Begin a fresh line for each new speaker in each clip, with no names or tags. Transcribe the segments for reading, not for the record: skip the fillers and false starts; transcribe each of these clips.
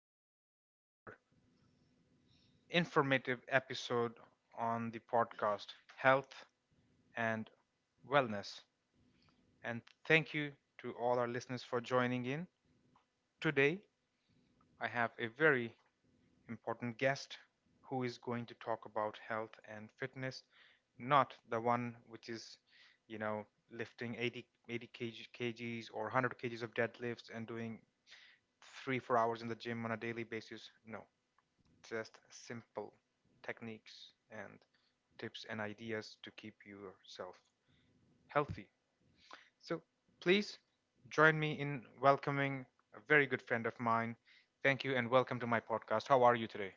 yet another informative episode on the podcast Health and Wellness. And thank you to all our listeners for joining in. Today, I have a very important guest who is going to talk about health and fitness, not the one which is, you know, lifting 80 kgs or 100 kgs of deadlifts and doing 3 or 4 hours in the gym on a daily basis. No, just simple techniques and tips and ideas to keep yourself healthy. So please join me in welcoming a very good friend of mine. Thank you and welcome to my podcast. How are you today?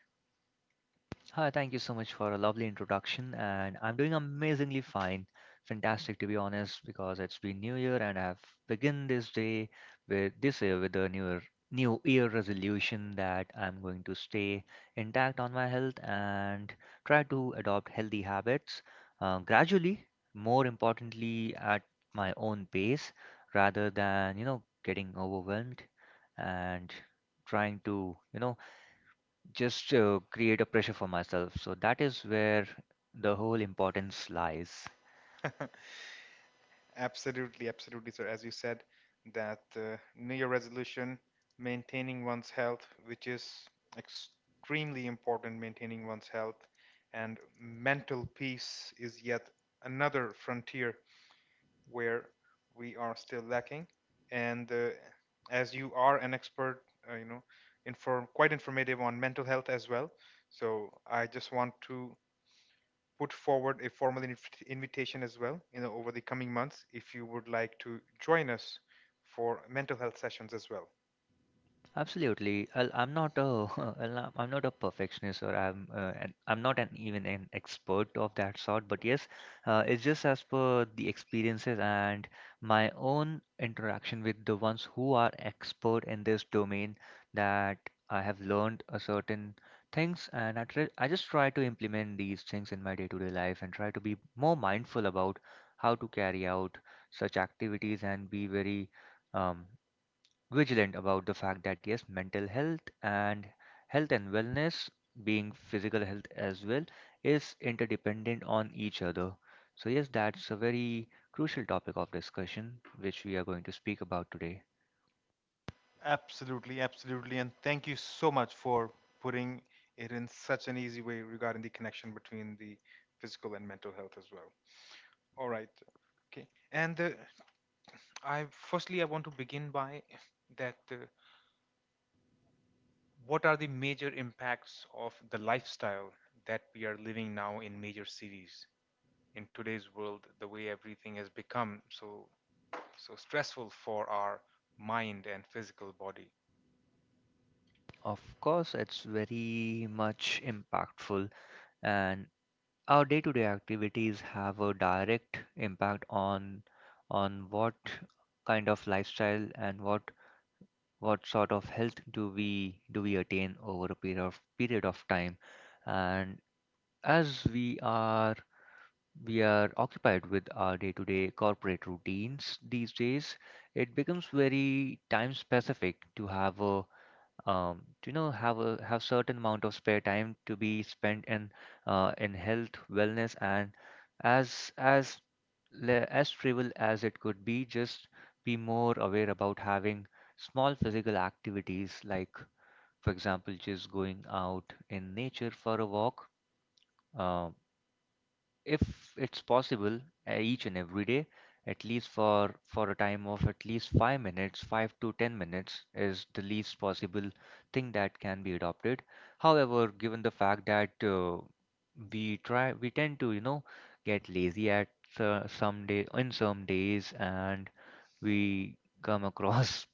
Hi, thank you so much for a lovely introduction, and I'm doing amazingly fine. Fantastic, to be honest, because it's been New Year, and I've begun this day with this year with a new year resolution that I'm going to stay intact on my health and try to adopt healthy habits gradually. More importantly, at my own pace, rather than getting overwhelmed and trying to just create a pressure for myself, so that is where the whole importance lies.
Absolutely, absolutely, sir. As you said, that New Year resolution, maintaining one's health, which is extremely important, maintaining one's health and mental peace is yet another frontier where we are still lacking. And as you are an expert, uh, you know, inform quite informative on mental health as well. So I just want to put forward a formal invitation as well, over the coming months, if you would like to join us for mental health sessions as well.
Absolutely. I'm not a I'm not a perfectionist, or I'm I'm not an even an expert of that sort. But yes, it's just as per the experiences and my own interaction with the ones who are expert in this domain, that I have learned a certain things, and I just try to implement these things in my day-to-day life and try to be more mindful about how to carry out such activities and be very um, vigilant about the fact that yes, mental health and health and wellness, being physical health as well, is interdependent on each other. So yes, that's a very crucial topic of discussion which we are going to speak about today.
Absolutely, absolutely. And thank you so much for putting it in such an easy way regarding the connection between the physical and mental health as well. All right. Okay. And I want to begin by that what are the major impacts of the lifestyle that we are living now in major cities in today's world, the way everything has become so stressful for our mind and physical body.
Of course, it's very much impactful, and our day-to-day activities have a direct impact on what kind of lifestyle and what sort of health do we attain over a period of time. And as we are occupied with our day-to-day corporate routines these days, it becomes very time specific to have a do you know, have a have certain amount of spare time to be spent in health wellness. And as as as trivial as it could be, just be more aware about having small physical activities, like for example just going out in nature for a walk, um, if it's possible, each and every day, at least for a time of at least 5 minutes, 5 to 10 minutes is the least possible thing that can be adopted. However, given the fact that we tend to get lazy at some day in some days, and we come across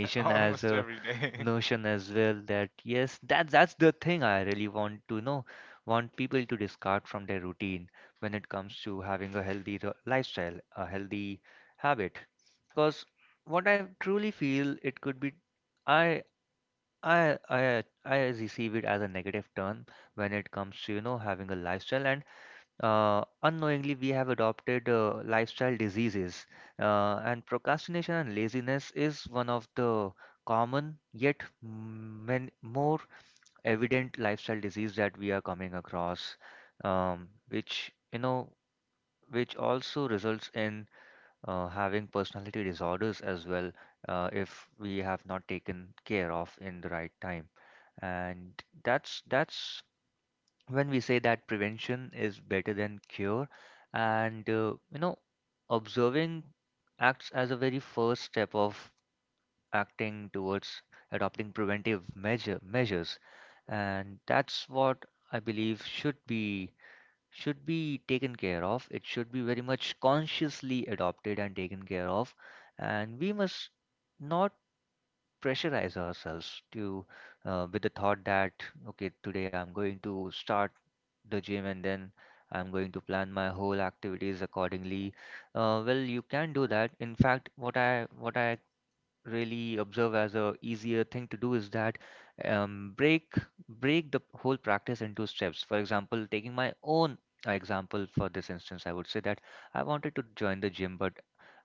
as
Almost
a
every day.
notion as well. That yes, that's the thing I really want to know, want people to discard from their routine when it comes to having a lifestyle, a healthy habit. Because what I truly feel it could be, i I receive it as a negative term when it comes to, you know, having a lifestyle. And unknowingly we have adopted lifestyle diseases, and procrastination and laziness is one of the common yet more evident lifestyle disease that we are coming across, which, you know, which also results in having personality disorders as well, if we have not taken care of in the right time. And that's when we say that prevention is better than cure. And observing acts as a very first step of acting towards adopting preventive measures. And that's what I believe should be, taken care of. It should be very much consciously adopted and taken care of, and we must not pressurize ourselves to, with the thought that, okay, today I'm going to start the gym and then I'm going to plan my whole activities accordingly. Well, you can do that. In fact, what I really observe as a easier thing to do is that, um, break break the whole practice into steps. For example, taking my own example for this instance, I would say that I wanted to join the gym, but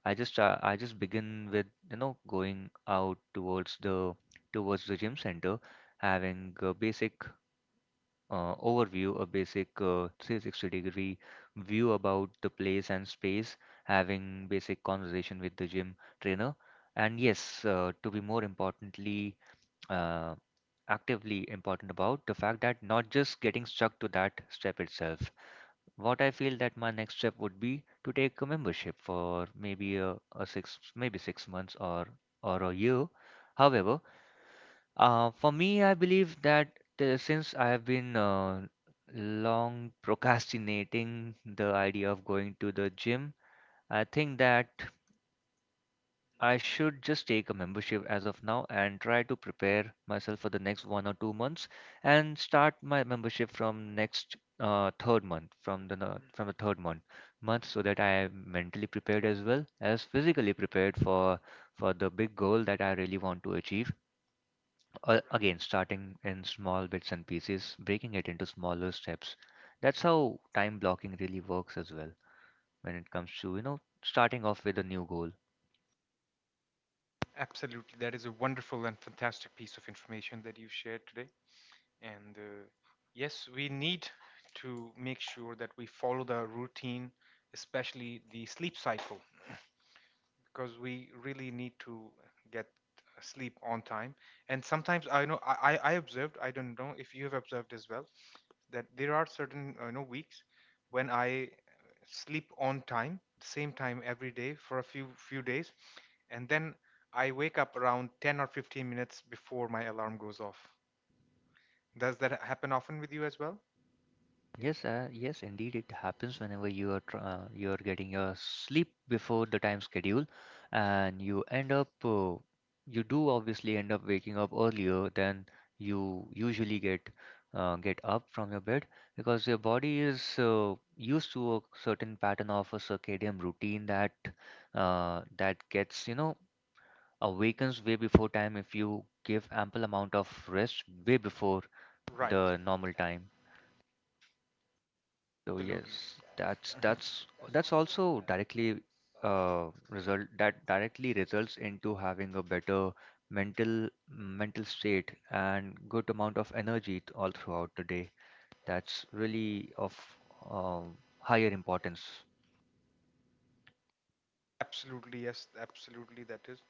I just begin with, you know, going out towards the gym center, having a basic overview, a basic 360-degree view about the place and space, having basic conversation with the gym trainer. And yes, to be more importantly, uh, actively important about the fact that not just getting stuck to that step itself, what I feel that my next step would be to take a membership for maybe a 6 maybe 6 months or a year. However, for me, I believe that since I have been long procrastinating the idea of going to the gym, I think that I should just take a membership as of now and try to prepare myself for the next 1 or 2 months and start my membership from next third month, from the no- from the third month, so that I am mentally prepared as well as physically prepared for the big goal that I really want to achieve. Again, starting in small bits and pieces, breaking it into smaller steps. That's how time blocking really works as well when it comes to, you know, starting off with a new goal.
Absolutely, that is a wonderful and fantastic piece of information that you shared today. And yes, we need to make sure that we follow the routine, especially the sleep cycle, because we really need to get sleep on time. And sometimes I know, I observed, I don't know if you have observed as well, that there are certain weeks when I sleep on time, same time every day for a few days, and then I wake up around 10 or 15 minutes before my alarm goes off. Does that happen often with you as well?
Yes, indeed, it happens whenever you are getting your sleep before the time schedule, and you end up you do obviously end up waking up earlier than you usually get up from your bed, because your body is used to a certain pattern of a circadian routine that that gets, you know, awakens way before time if you give ample amount of rest way before
Right.
the normal time. So
Absolutely.
yes, that's also directly result that directly results into having a better mental state and good amount of energy all throughout the day. That's really of higher importance.
Absolutely, yes, absolutely, that is.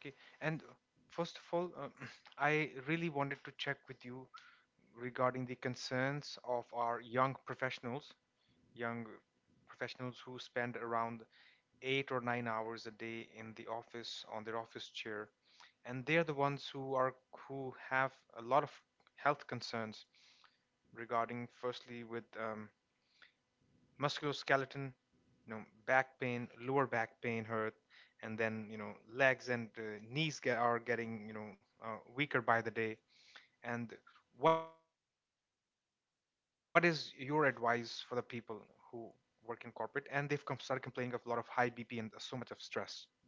Okay. And first of all, I really wanted to check with you regarding the concerns of our young professionals who spend around 8 or 9 hours a day in the office on their office chair, and they're the ones who have a lot of health concerns regarding, firstly, with musculoskeleton, you know, back pain, lower back pain hurt, and then you know legs and knees are getting weaker by the day. And what is your advice for the people who work in corporate and they've started complaining of a lot of high BP and so much of stress, a lot of stress?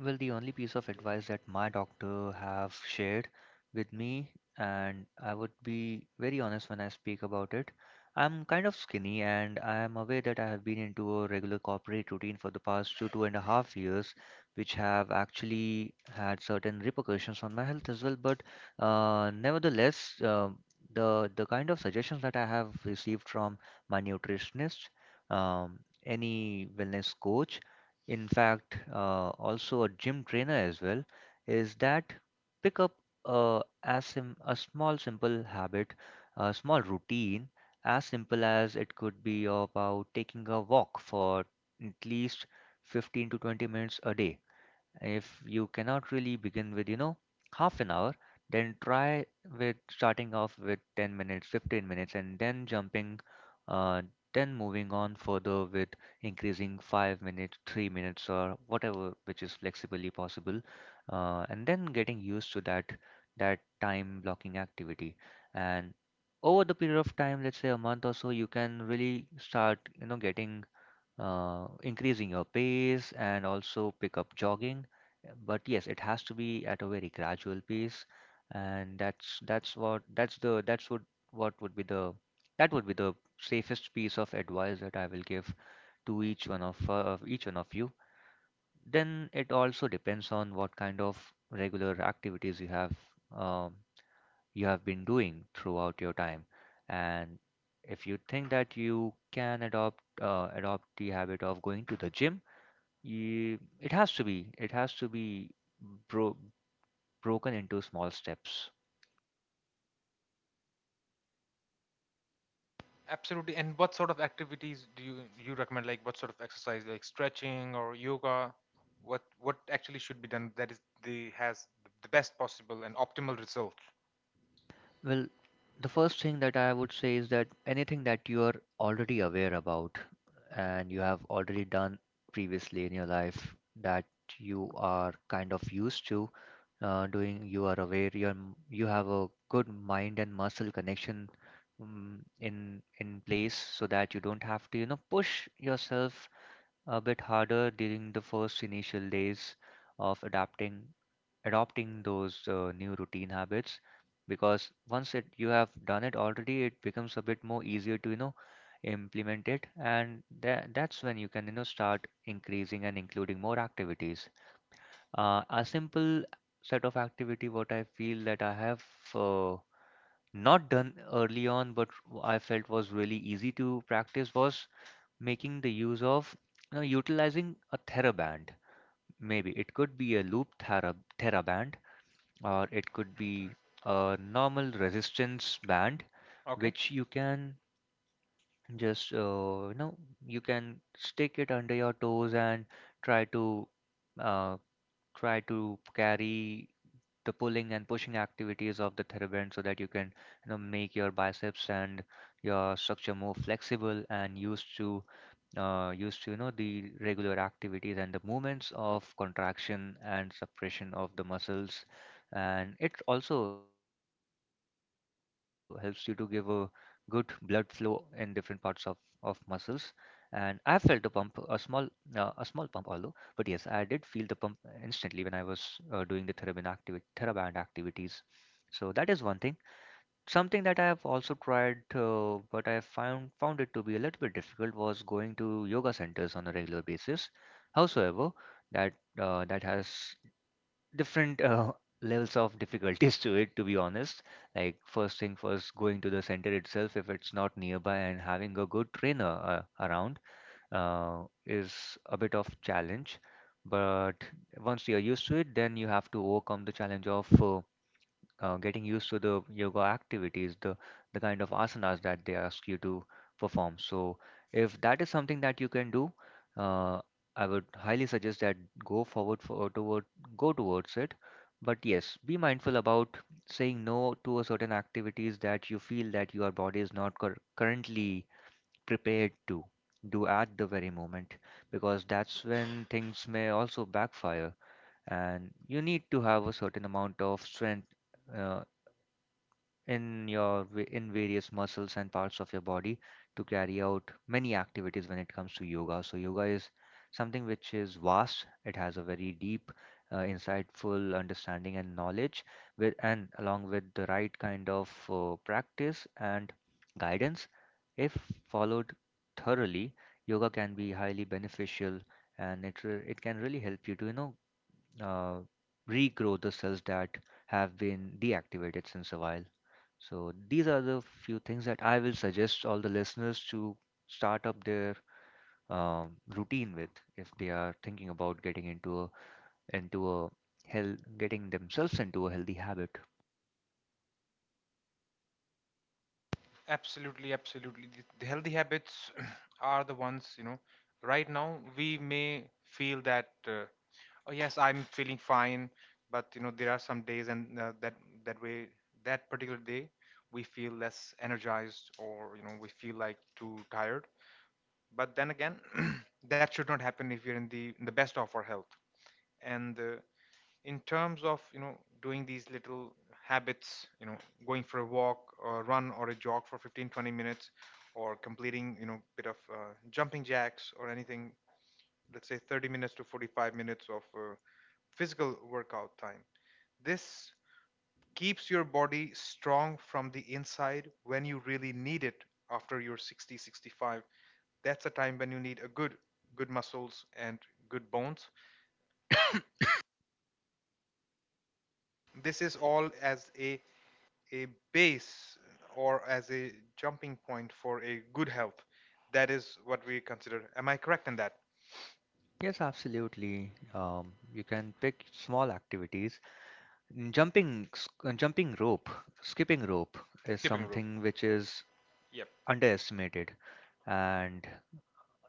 Well, the only piece of advice that my doctor have shared with me, and I would be very honest when I speak about it. I'm kind of skinny, and I am aware that I have been into a regular corporate routine for the past two and a half years, which have actually had certain repercussions on my health as well. But nevertheless, the kind of suggestions that I have received from my nutritionist, um, any wellness coach, in fact also a gym trainer as well, is that, pick up a small simple habit, a small routine, as simple as it could be, about taking a walk for at least 15 to 20 minutes a day. If you cannot really begin with, you know, half an hour, then try with starting off with 10 minutes, 15 minutes, and then jumping, uh, then moving on further with increasing 5 minutes, 3 minutes, or whatever which is flexibly possible, and then getting used to that time blocking activity. And over the period of time, let's say a month or so, you can really start, you know, getting increasing your pace and also pick up jogging. But yes, it has to be at a very gradual pace, and that's what that's the that's what would be the, that would be the safest piece of advice that I will give to each one of each one of you. Then it also depends on what kind of regular activities you have. Um, you have been doing throughout your time. And if you think that you can adopt, the habit of going to the gym, it has to be, bro broken into small steps.
Absolutely. And what sort of activities do you recommend? Like what sort of exercise, like stretching or yoga? What actually should be done that is the has the best possible and optimal result?
Well, the first thing that I would say is that anything that you are already aware about and you have already done previously in your life, that you are kind of used to doing, you are aware, you have a good mind and muscle connection, in place, so that you don't have to, you know, push yourself a bit harder during the first initial days of adapting adopting those new routine habits. Because once it you have done it already, it becomes a bit more easier to, you know, implement it. And that's when you can, you know, start increasing and including more activities. Uh, a simple set of activity, what I feel that I have uh, not done early on, but I felt was really easy to practice, was making the use of, you know, utilizing a TheraBand. Maybe it could be a loop TheraBand, or it could be a normal resistance band
Okay,
which you can just you know, you can stick it under your toes and try to uh, carry the pulling and pushing activities of the TheraBand so that you can, you know, make your biceps and your structure more flexible and used to you know, the regular activities and the movements of contraction and suppression of the muscles. And it also helps you to give a good blood flow in different parts of muscles. And I felt a pump, a small pump, although, but yes, I did feel the pump instantly when I was doing the TheraBand activities. So that is one thing. Something that I have also tried, but I found it to be a little bit difficult, was going to yoga centers on a regular basis. Howsoever, that that has different levels of difficulties to it, to be honest. Like first thing first, going to the center itself, if it's not nearby, and having a good trainer around is a bit of challenge. But once you're used to it, then you have to overcome the challenge of getting used to the yoga activities, the kind of asanas that they ask you to perform. So if that is something that you can do, uh, I would highly suggest that go forward for toward go towards it. But yes, be mindful about saying no to a certain activities that you feel that your body is not cur currently prepared to do at the very moment, because that's when things may also backfire, and you need to have a certain amount of strength uh, in your in various muscles and parts of your body to carry out many activities when it comes to yoga. So yoga is something which is vast. It has a very deep, insightful understanding and knowledge with and along with the right kind of practice and guidance, if followed thoroughly, yoga can be highly beneficial and it can really help you to uh, regrow the cells that have been deactivated since a while. So these are the few things that I will suggest all the listeners to start up their routine with if they are thinking about getting into a health getting themselves into a healthy habit.
absolutely, absolutely. The healthy habits are the ones, you know, right now we may feel that, oh yes, I'm feeling fine, but you know, there are some days and that way that particular day we feel less energized or we feel like too tired. But then again, that should not happen if you're in the best of our health. And in terms of doing these little habits, going for a walk or run or a jog for 15 20 minutes, or completing bit of jumping jacks or anything, let's say 30 minutes to 45 minutes of physical workout time. This keeps your body strong from the inside when you really need it. After you're 60 65, that's a time when you need a good muscles and good bones. This is all as a base or as a jumping point for a good health. That is what we consider. Am I correct in that?
Yes, absolutely. You can pick small activities. Jumping, jumping rope, skipping rope is
Skipping rope.
something which is
Yep.
underestimated, and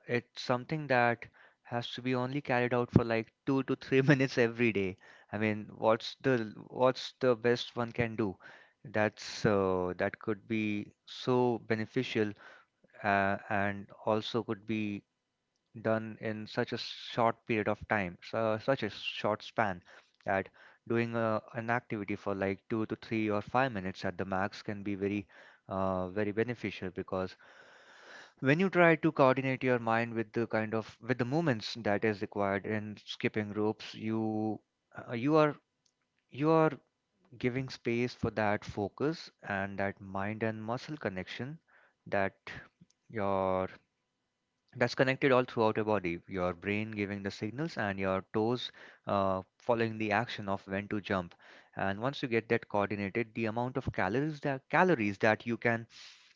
it's something that has to be only carried out for like two to three minutes every day. I mean, what's the best one can do? That could be so beneficial and also could be done in such a short period of time, so such a short span, that doing an activity for like 2 to 3 or 5 minutes at the max can be very, very beneficial because when you try to coordinate your mind with the kind of with the movements that is required in skipping ropes uh, you are you are giving space for that focus and that mind and muscle connection that your that's connected all throughout your body, your brain giving the signals and your toes following the action of when to jump. And once you get that coordinated, the amount of calories that you can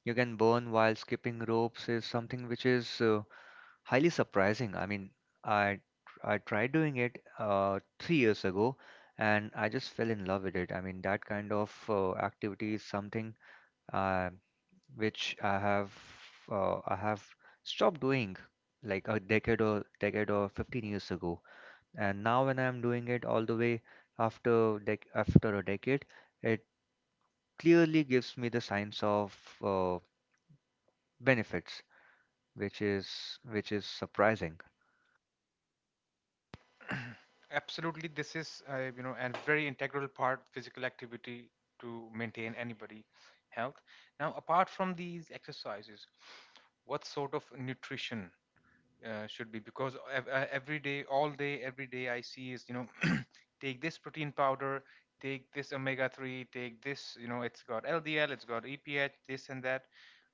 you can burn while skipping ropes is something which is highly surprising. I mean, i I tried doing it 3 years ago and I just fell in love with it. I mean that kind of activity is something uh, which I have stopped doing like a decade or decade or 15 years ago. And now when I'm doing it all the way after a decade, it clearly gives me the signs of uh, benefits, which is surprising.
Absolutely. This is, a very integral part physical activity to maintain anybody health. Now, apart from these exercises, what sort of nutrition should be? Because every day, all day, every day, I see is, take this protein powder, take this omega 3, take this, it's got LDL, it's got EPA. This and that.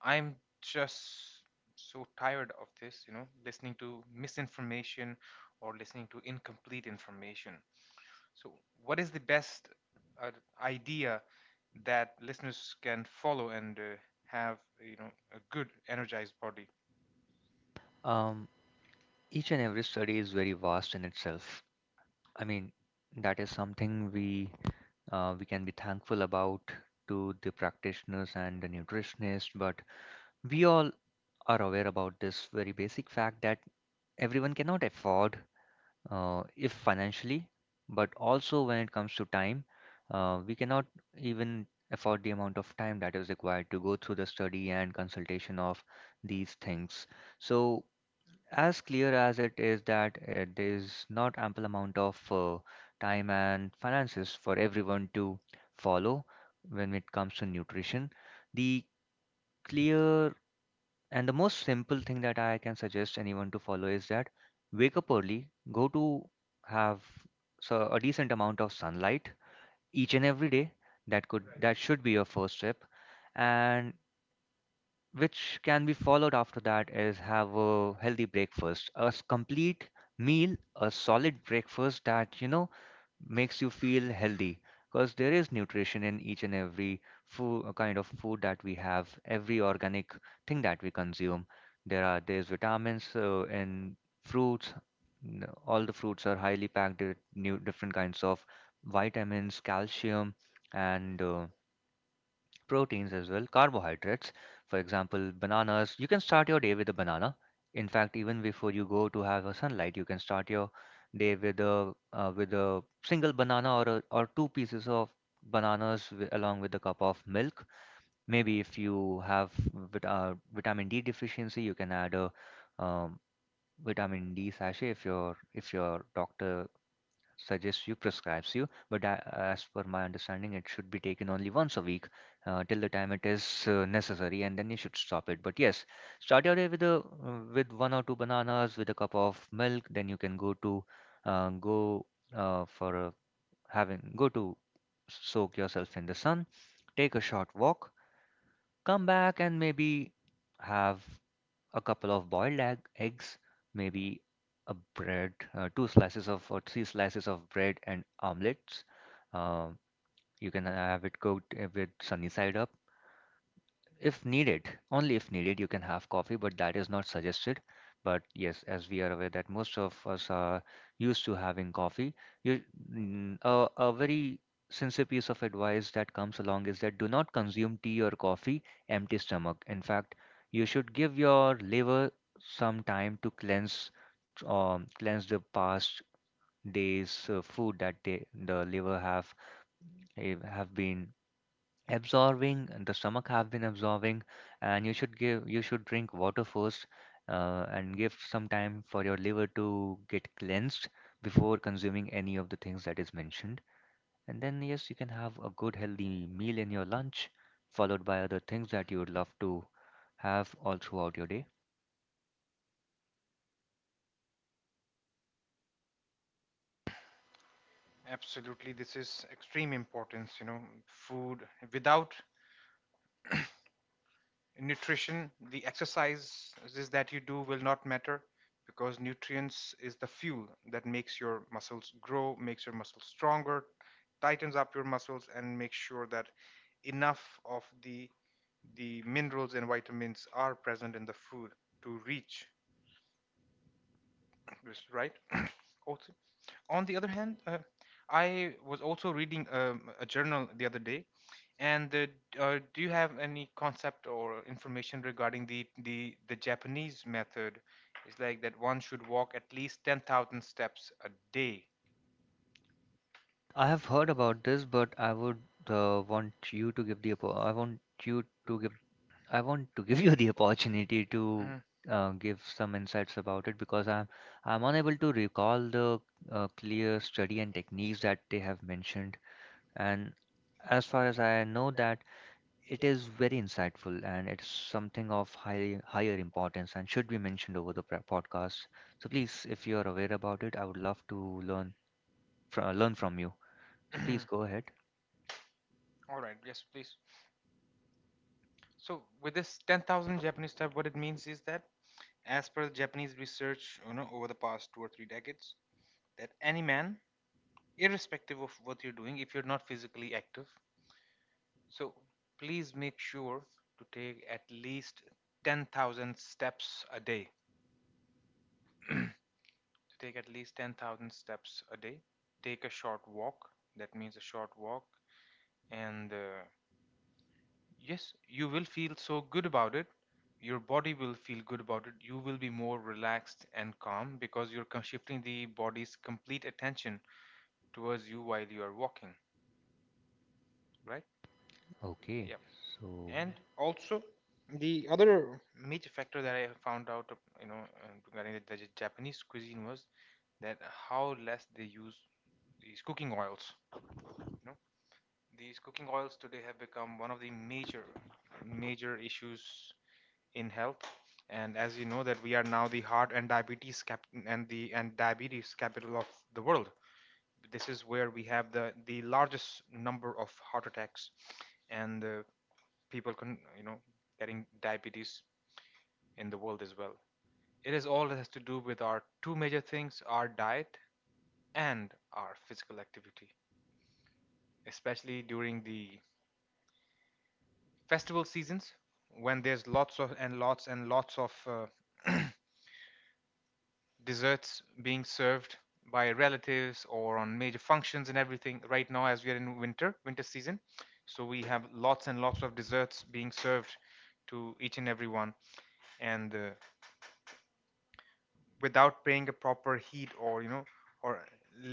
I'm just so tired of this, listening to misinformation or listening to incomplete information. So, what is the best uh, idea that listeners can follow and have, a good energized body?
Um, each and every study is very vast in itself. I mean, that is something we can be thankful about to the practitioners and the nutritionists, but we all are aware about this very basic fact that everyone cannot afford, if financially, but also when it comes to time, we cannot even afford the amount of time that is required to go through the study and consultation of these things. So, as clear as it is that there is not ample amount of time and finances for everyone to follow when it comes to nutrition, the clear and the most simple thing that I can suggest anyone to follow is that wake up early, go to have so a decent amount of sunlight each and every day. That should be your first step. And which can be followed after that is have a healthy breakfast, complete meal, a solid breakfast that you know makes you feel healthy, because there is nutrition in each and every food kind of food that we have, every organic thing that we consume. There's vitamins in fruits. All the fruits are highly packed with new different kinds of vitamins, calcium, and proteins as well, carbohydrates. For example, bananas. You can start your day with a banana. In fact, even before you go to have a sunlight, you can start your day with a single banana or two pieces of bananas along with a cup of milk. Maybe if you have vit- uh, vitamin D deficiency, you can add a um, vitamin D sachet if your doctor suggests you, prescribes you. But as per my understanding, it should be taken only once a week till the time it is necessary, and then you should stop it. But yes, start your day with a with one or two bananas, with a cup of milk. Then you can go to go for a, having go to soak yourself in the sun, take a short walk, come back, and maybe have a couple of eggs, maybe a bread, two slices of or three slices of bread and omelets. Uh, you can have it cooked with sunny side up. If needed, only if needed, you can have coffee, but that is not suggested. But yes, as we are aware that most of us are used to having coffee, you, a very sincere piece of advice that comes along is that do not consume tea or coffee empty stomach. In fact, you should give your liver some time to cleanse, cleanse the past day's food that the liver have have been absorbing, the stomach have been absorbing, and you should drink water first and give some time for your liver to get cleansed before consuming any of the things that is mentioned. And then yes, you can have a good healthy meal in your lunch, followed by other things that you would love to have all throughout your day.
Absolutely, this is extreme importance, food without nutrition the exercises that you do will not matter, because nutrients is the fuel that makes your muscles grow, makes your muscles stronger, tightens up your muscles, and makes sure that enough of the minerals and vitamins are present in the food to reach. Yes, right? Also, on the other hand, I was also reading a journal the other day. And do you have any concept or information regarding the Japanese method? It's like that one should walk at least 10,000 steps a day.
I have heard about this but I would want you to give the I want you to give, I want to give you the opportunity to
Mm.
give some insights about it, because I'm unable to recall the clear study and techniques that they have mentioned. And as far as I know, that it is very insightful and it's something of higher importance and should be mentioned over the podcast. So please, if you are aware about it, I would love to learn learn from you. So please go ahead.
All right, yes, please. So, with this 10,000 Japanese step, what it means is that, as per the Japanese research, over the past 2 or 3 decades, that any man, irrespective of what you're doing, if you're not physically active. So please make sure to take at least 10,000 steps a day. To take at least 10,000 steps a day. Take a short walk. That means a short walk. And yes, you will feel so good about it. Your body will feel good about it. You will be more relaxed and calm because you're shifting the body's complete attention towards you while you are walking, right?
Okay.
Yeah.
So
And also the other major factor that I found out, regarding the Japanese cuisine, was that how less they use these cooking oils. You know, these cooking oils today have become one of the major, major issues in health. And as you know, that we are now the heart and diabetes capital of the world. This is where we have the largest number of heart attacks and people can getting diabetes in the world as well. It is all that has to do with our two major things: our diet and our physical activity, especially during the festival seasons when there's lots and lots of desserts being served by relatives or on major functions, and everything. Right now, as we are in winter season, so we have lots and lots of desserts being served to each and everyone. And without paying a proper heat, or or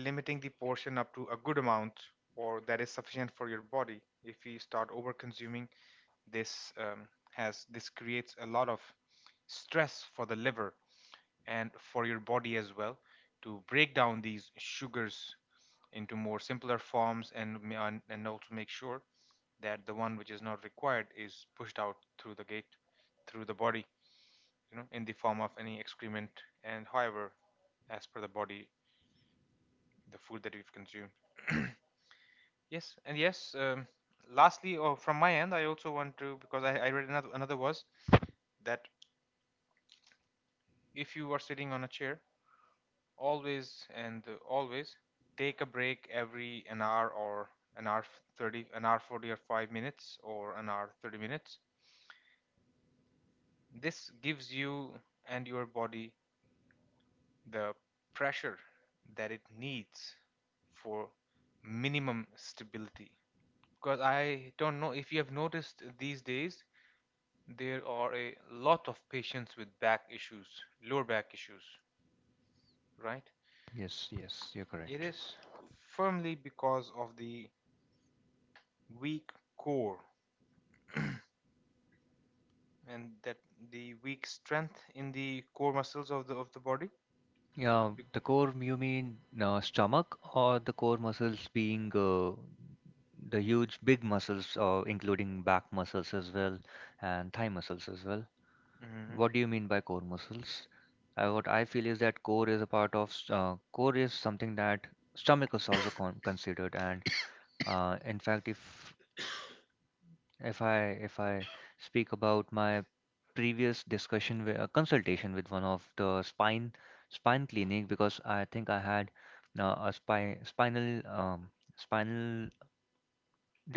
limiting the portion up to a good amount, or that is sufficient for your body, if you start over consuming this, has this creates a lot of stress for the liver and for your body as well to break down these sugars into more simpler forms, and and also make sure that the one which is not required is pushed out through the gate, through the body, in the form of any excrement, and however, as per the body, the food that we've consumed. Yes, and yes, lastly, or from my end, I also want to, because I read another, was that if you are sitting on a chair, always take a break every an hour or an hour 30, an hour 40 or 5 minutes or an hour 30 minutes. This gives you and your body the pressure that it needs for minimum stability. Because I don't know if you have noticed these days, there are a lot of patients with back issues, lower back issues, right?
yes, yes, you're
It
correct.
is firmly because of the weak core, and that the weak strength in the core muscles of the body. Yeah.
Yeah, the
Core,
core,
you
you
mean
mean
stomach,
stomach
or
or the
the core
core
muscles
muscles
being
being the huge big muscles, including back muscles as well and thigh muscles as well?
hmm
What do you mean by core muscles? What I feel is that core is a part of, s- core is something that stomach is also considered. And in fact, if I if I speak about my previous discussion with a consultation with one of the spine clinic, because I think I had a spine spinal spinal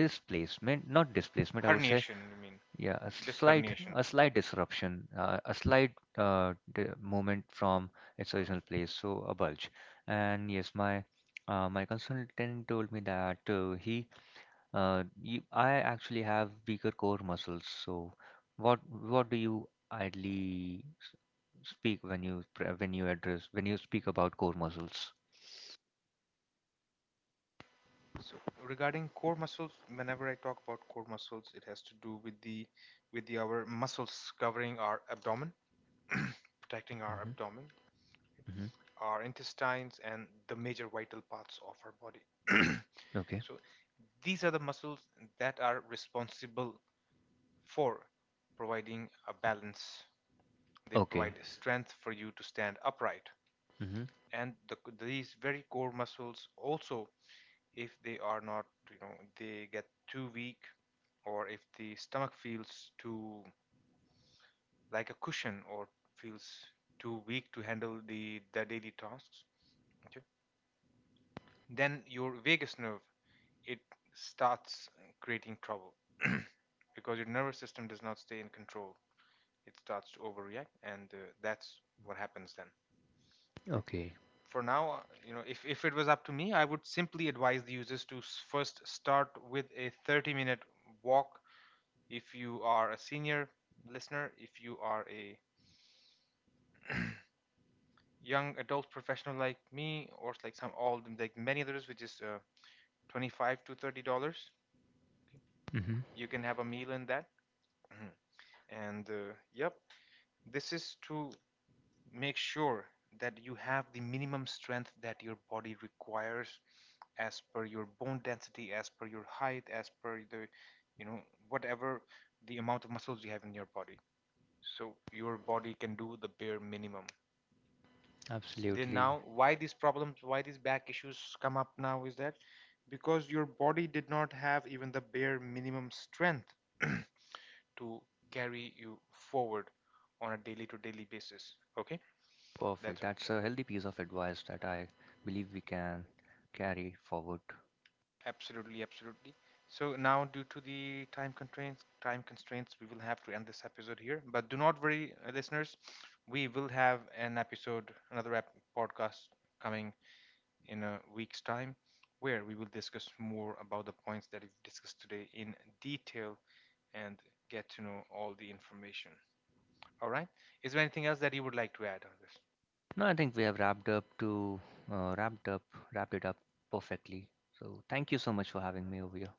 displacement, not displacement I would say,
Herniation, you mean?
yeah, a
Discarnation.
slight disruption, a slight movement from its original place, so a bulge. And yes, my my consultant told me that I actually have weaker core muscles, so what do you idly speak when you when you address, when you speak about core muscles?
So regarding core muscles, whenever I talk about core muscles, it has to do with the our muscles covering our abdomen, protecting our
Mm-hmm.
abdomen,
Mm-hmm.
our intestines, and the major vital parts of our body.
Okay.
So these are the muscles that are responsible for providing a balance. They
Okay.
provide strength for you to stand upright.
Mm-hmm.
And these very core muscles also, if they are not, they get too weak, or if the stomach feels too like a cushion or feels too weak to handle the daily tasks, okay, then your vagus nerve, it starts creating trouble, because your nervous system does not stay in control. It starts to overreact, and that's what happens then, right?
Okay.
For now, if it was up to me, I would simply advise the users to first start with a 30-minute walk if you are a senior listener, if you are a young adult professional like me, or like some all like many others, which is $25 to $30.
Mm-hmm.
You can have a meal in that. Mhm. And yep, this is to make sure that you have the minimum strength that your body requires as per your bone density, as per your height, as per you know, whatever the amount of muscles you have in your body. So your body can do the bare minimum. Then
Absolutely.
now, why these problems, why these back issues come up now is that because your body did not have even the bare minimum strength to carry you forward on a daily to daily basis. Okay, that's
Perfect.
right.
That's a healthy piece of advice that I believe we can carry forward.
Absolutely, absolutely. So now, due to the time constraints, we will have to end this episode here. But do not worry, listeners. We will have an episode, another podcast coming in a week's time, where we will discuss more about the points that we've discussed today in detail and get to know all the information. All right. Is there anything else that you would like to add on this?
No, I think we have wrapped up to wrapped up wrapped it up perfectly. So thank you so much for having me over here.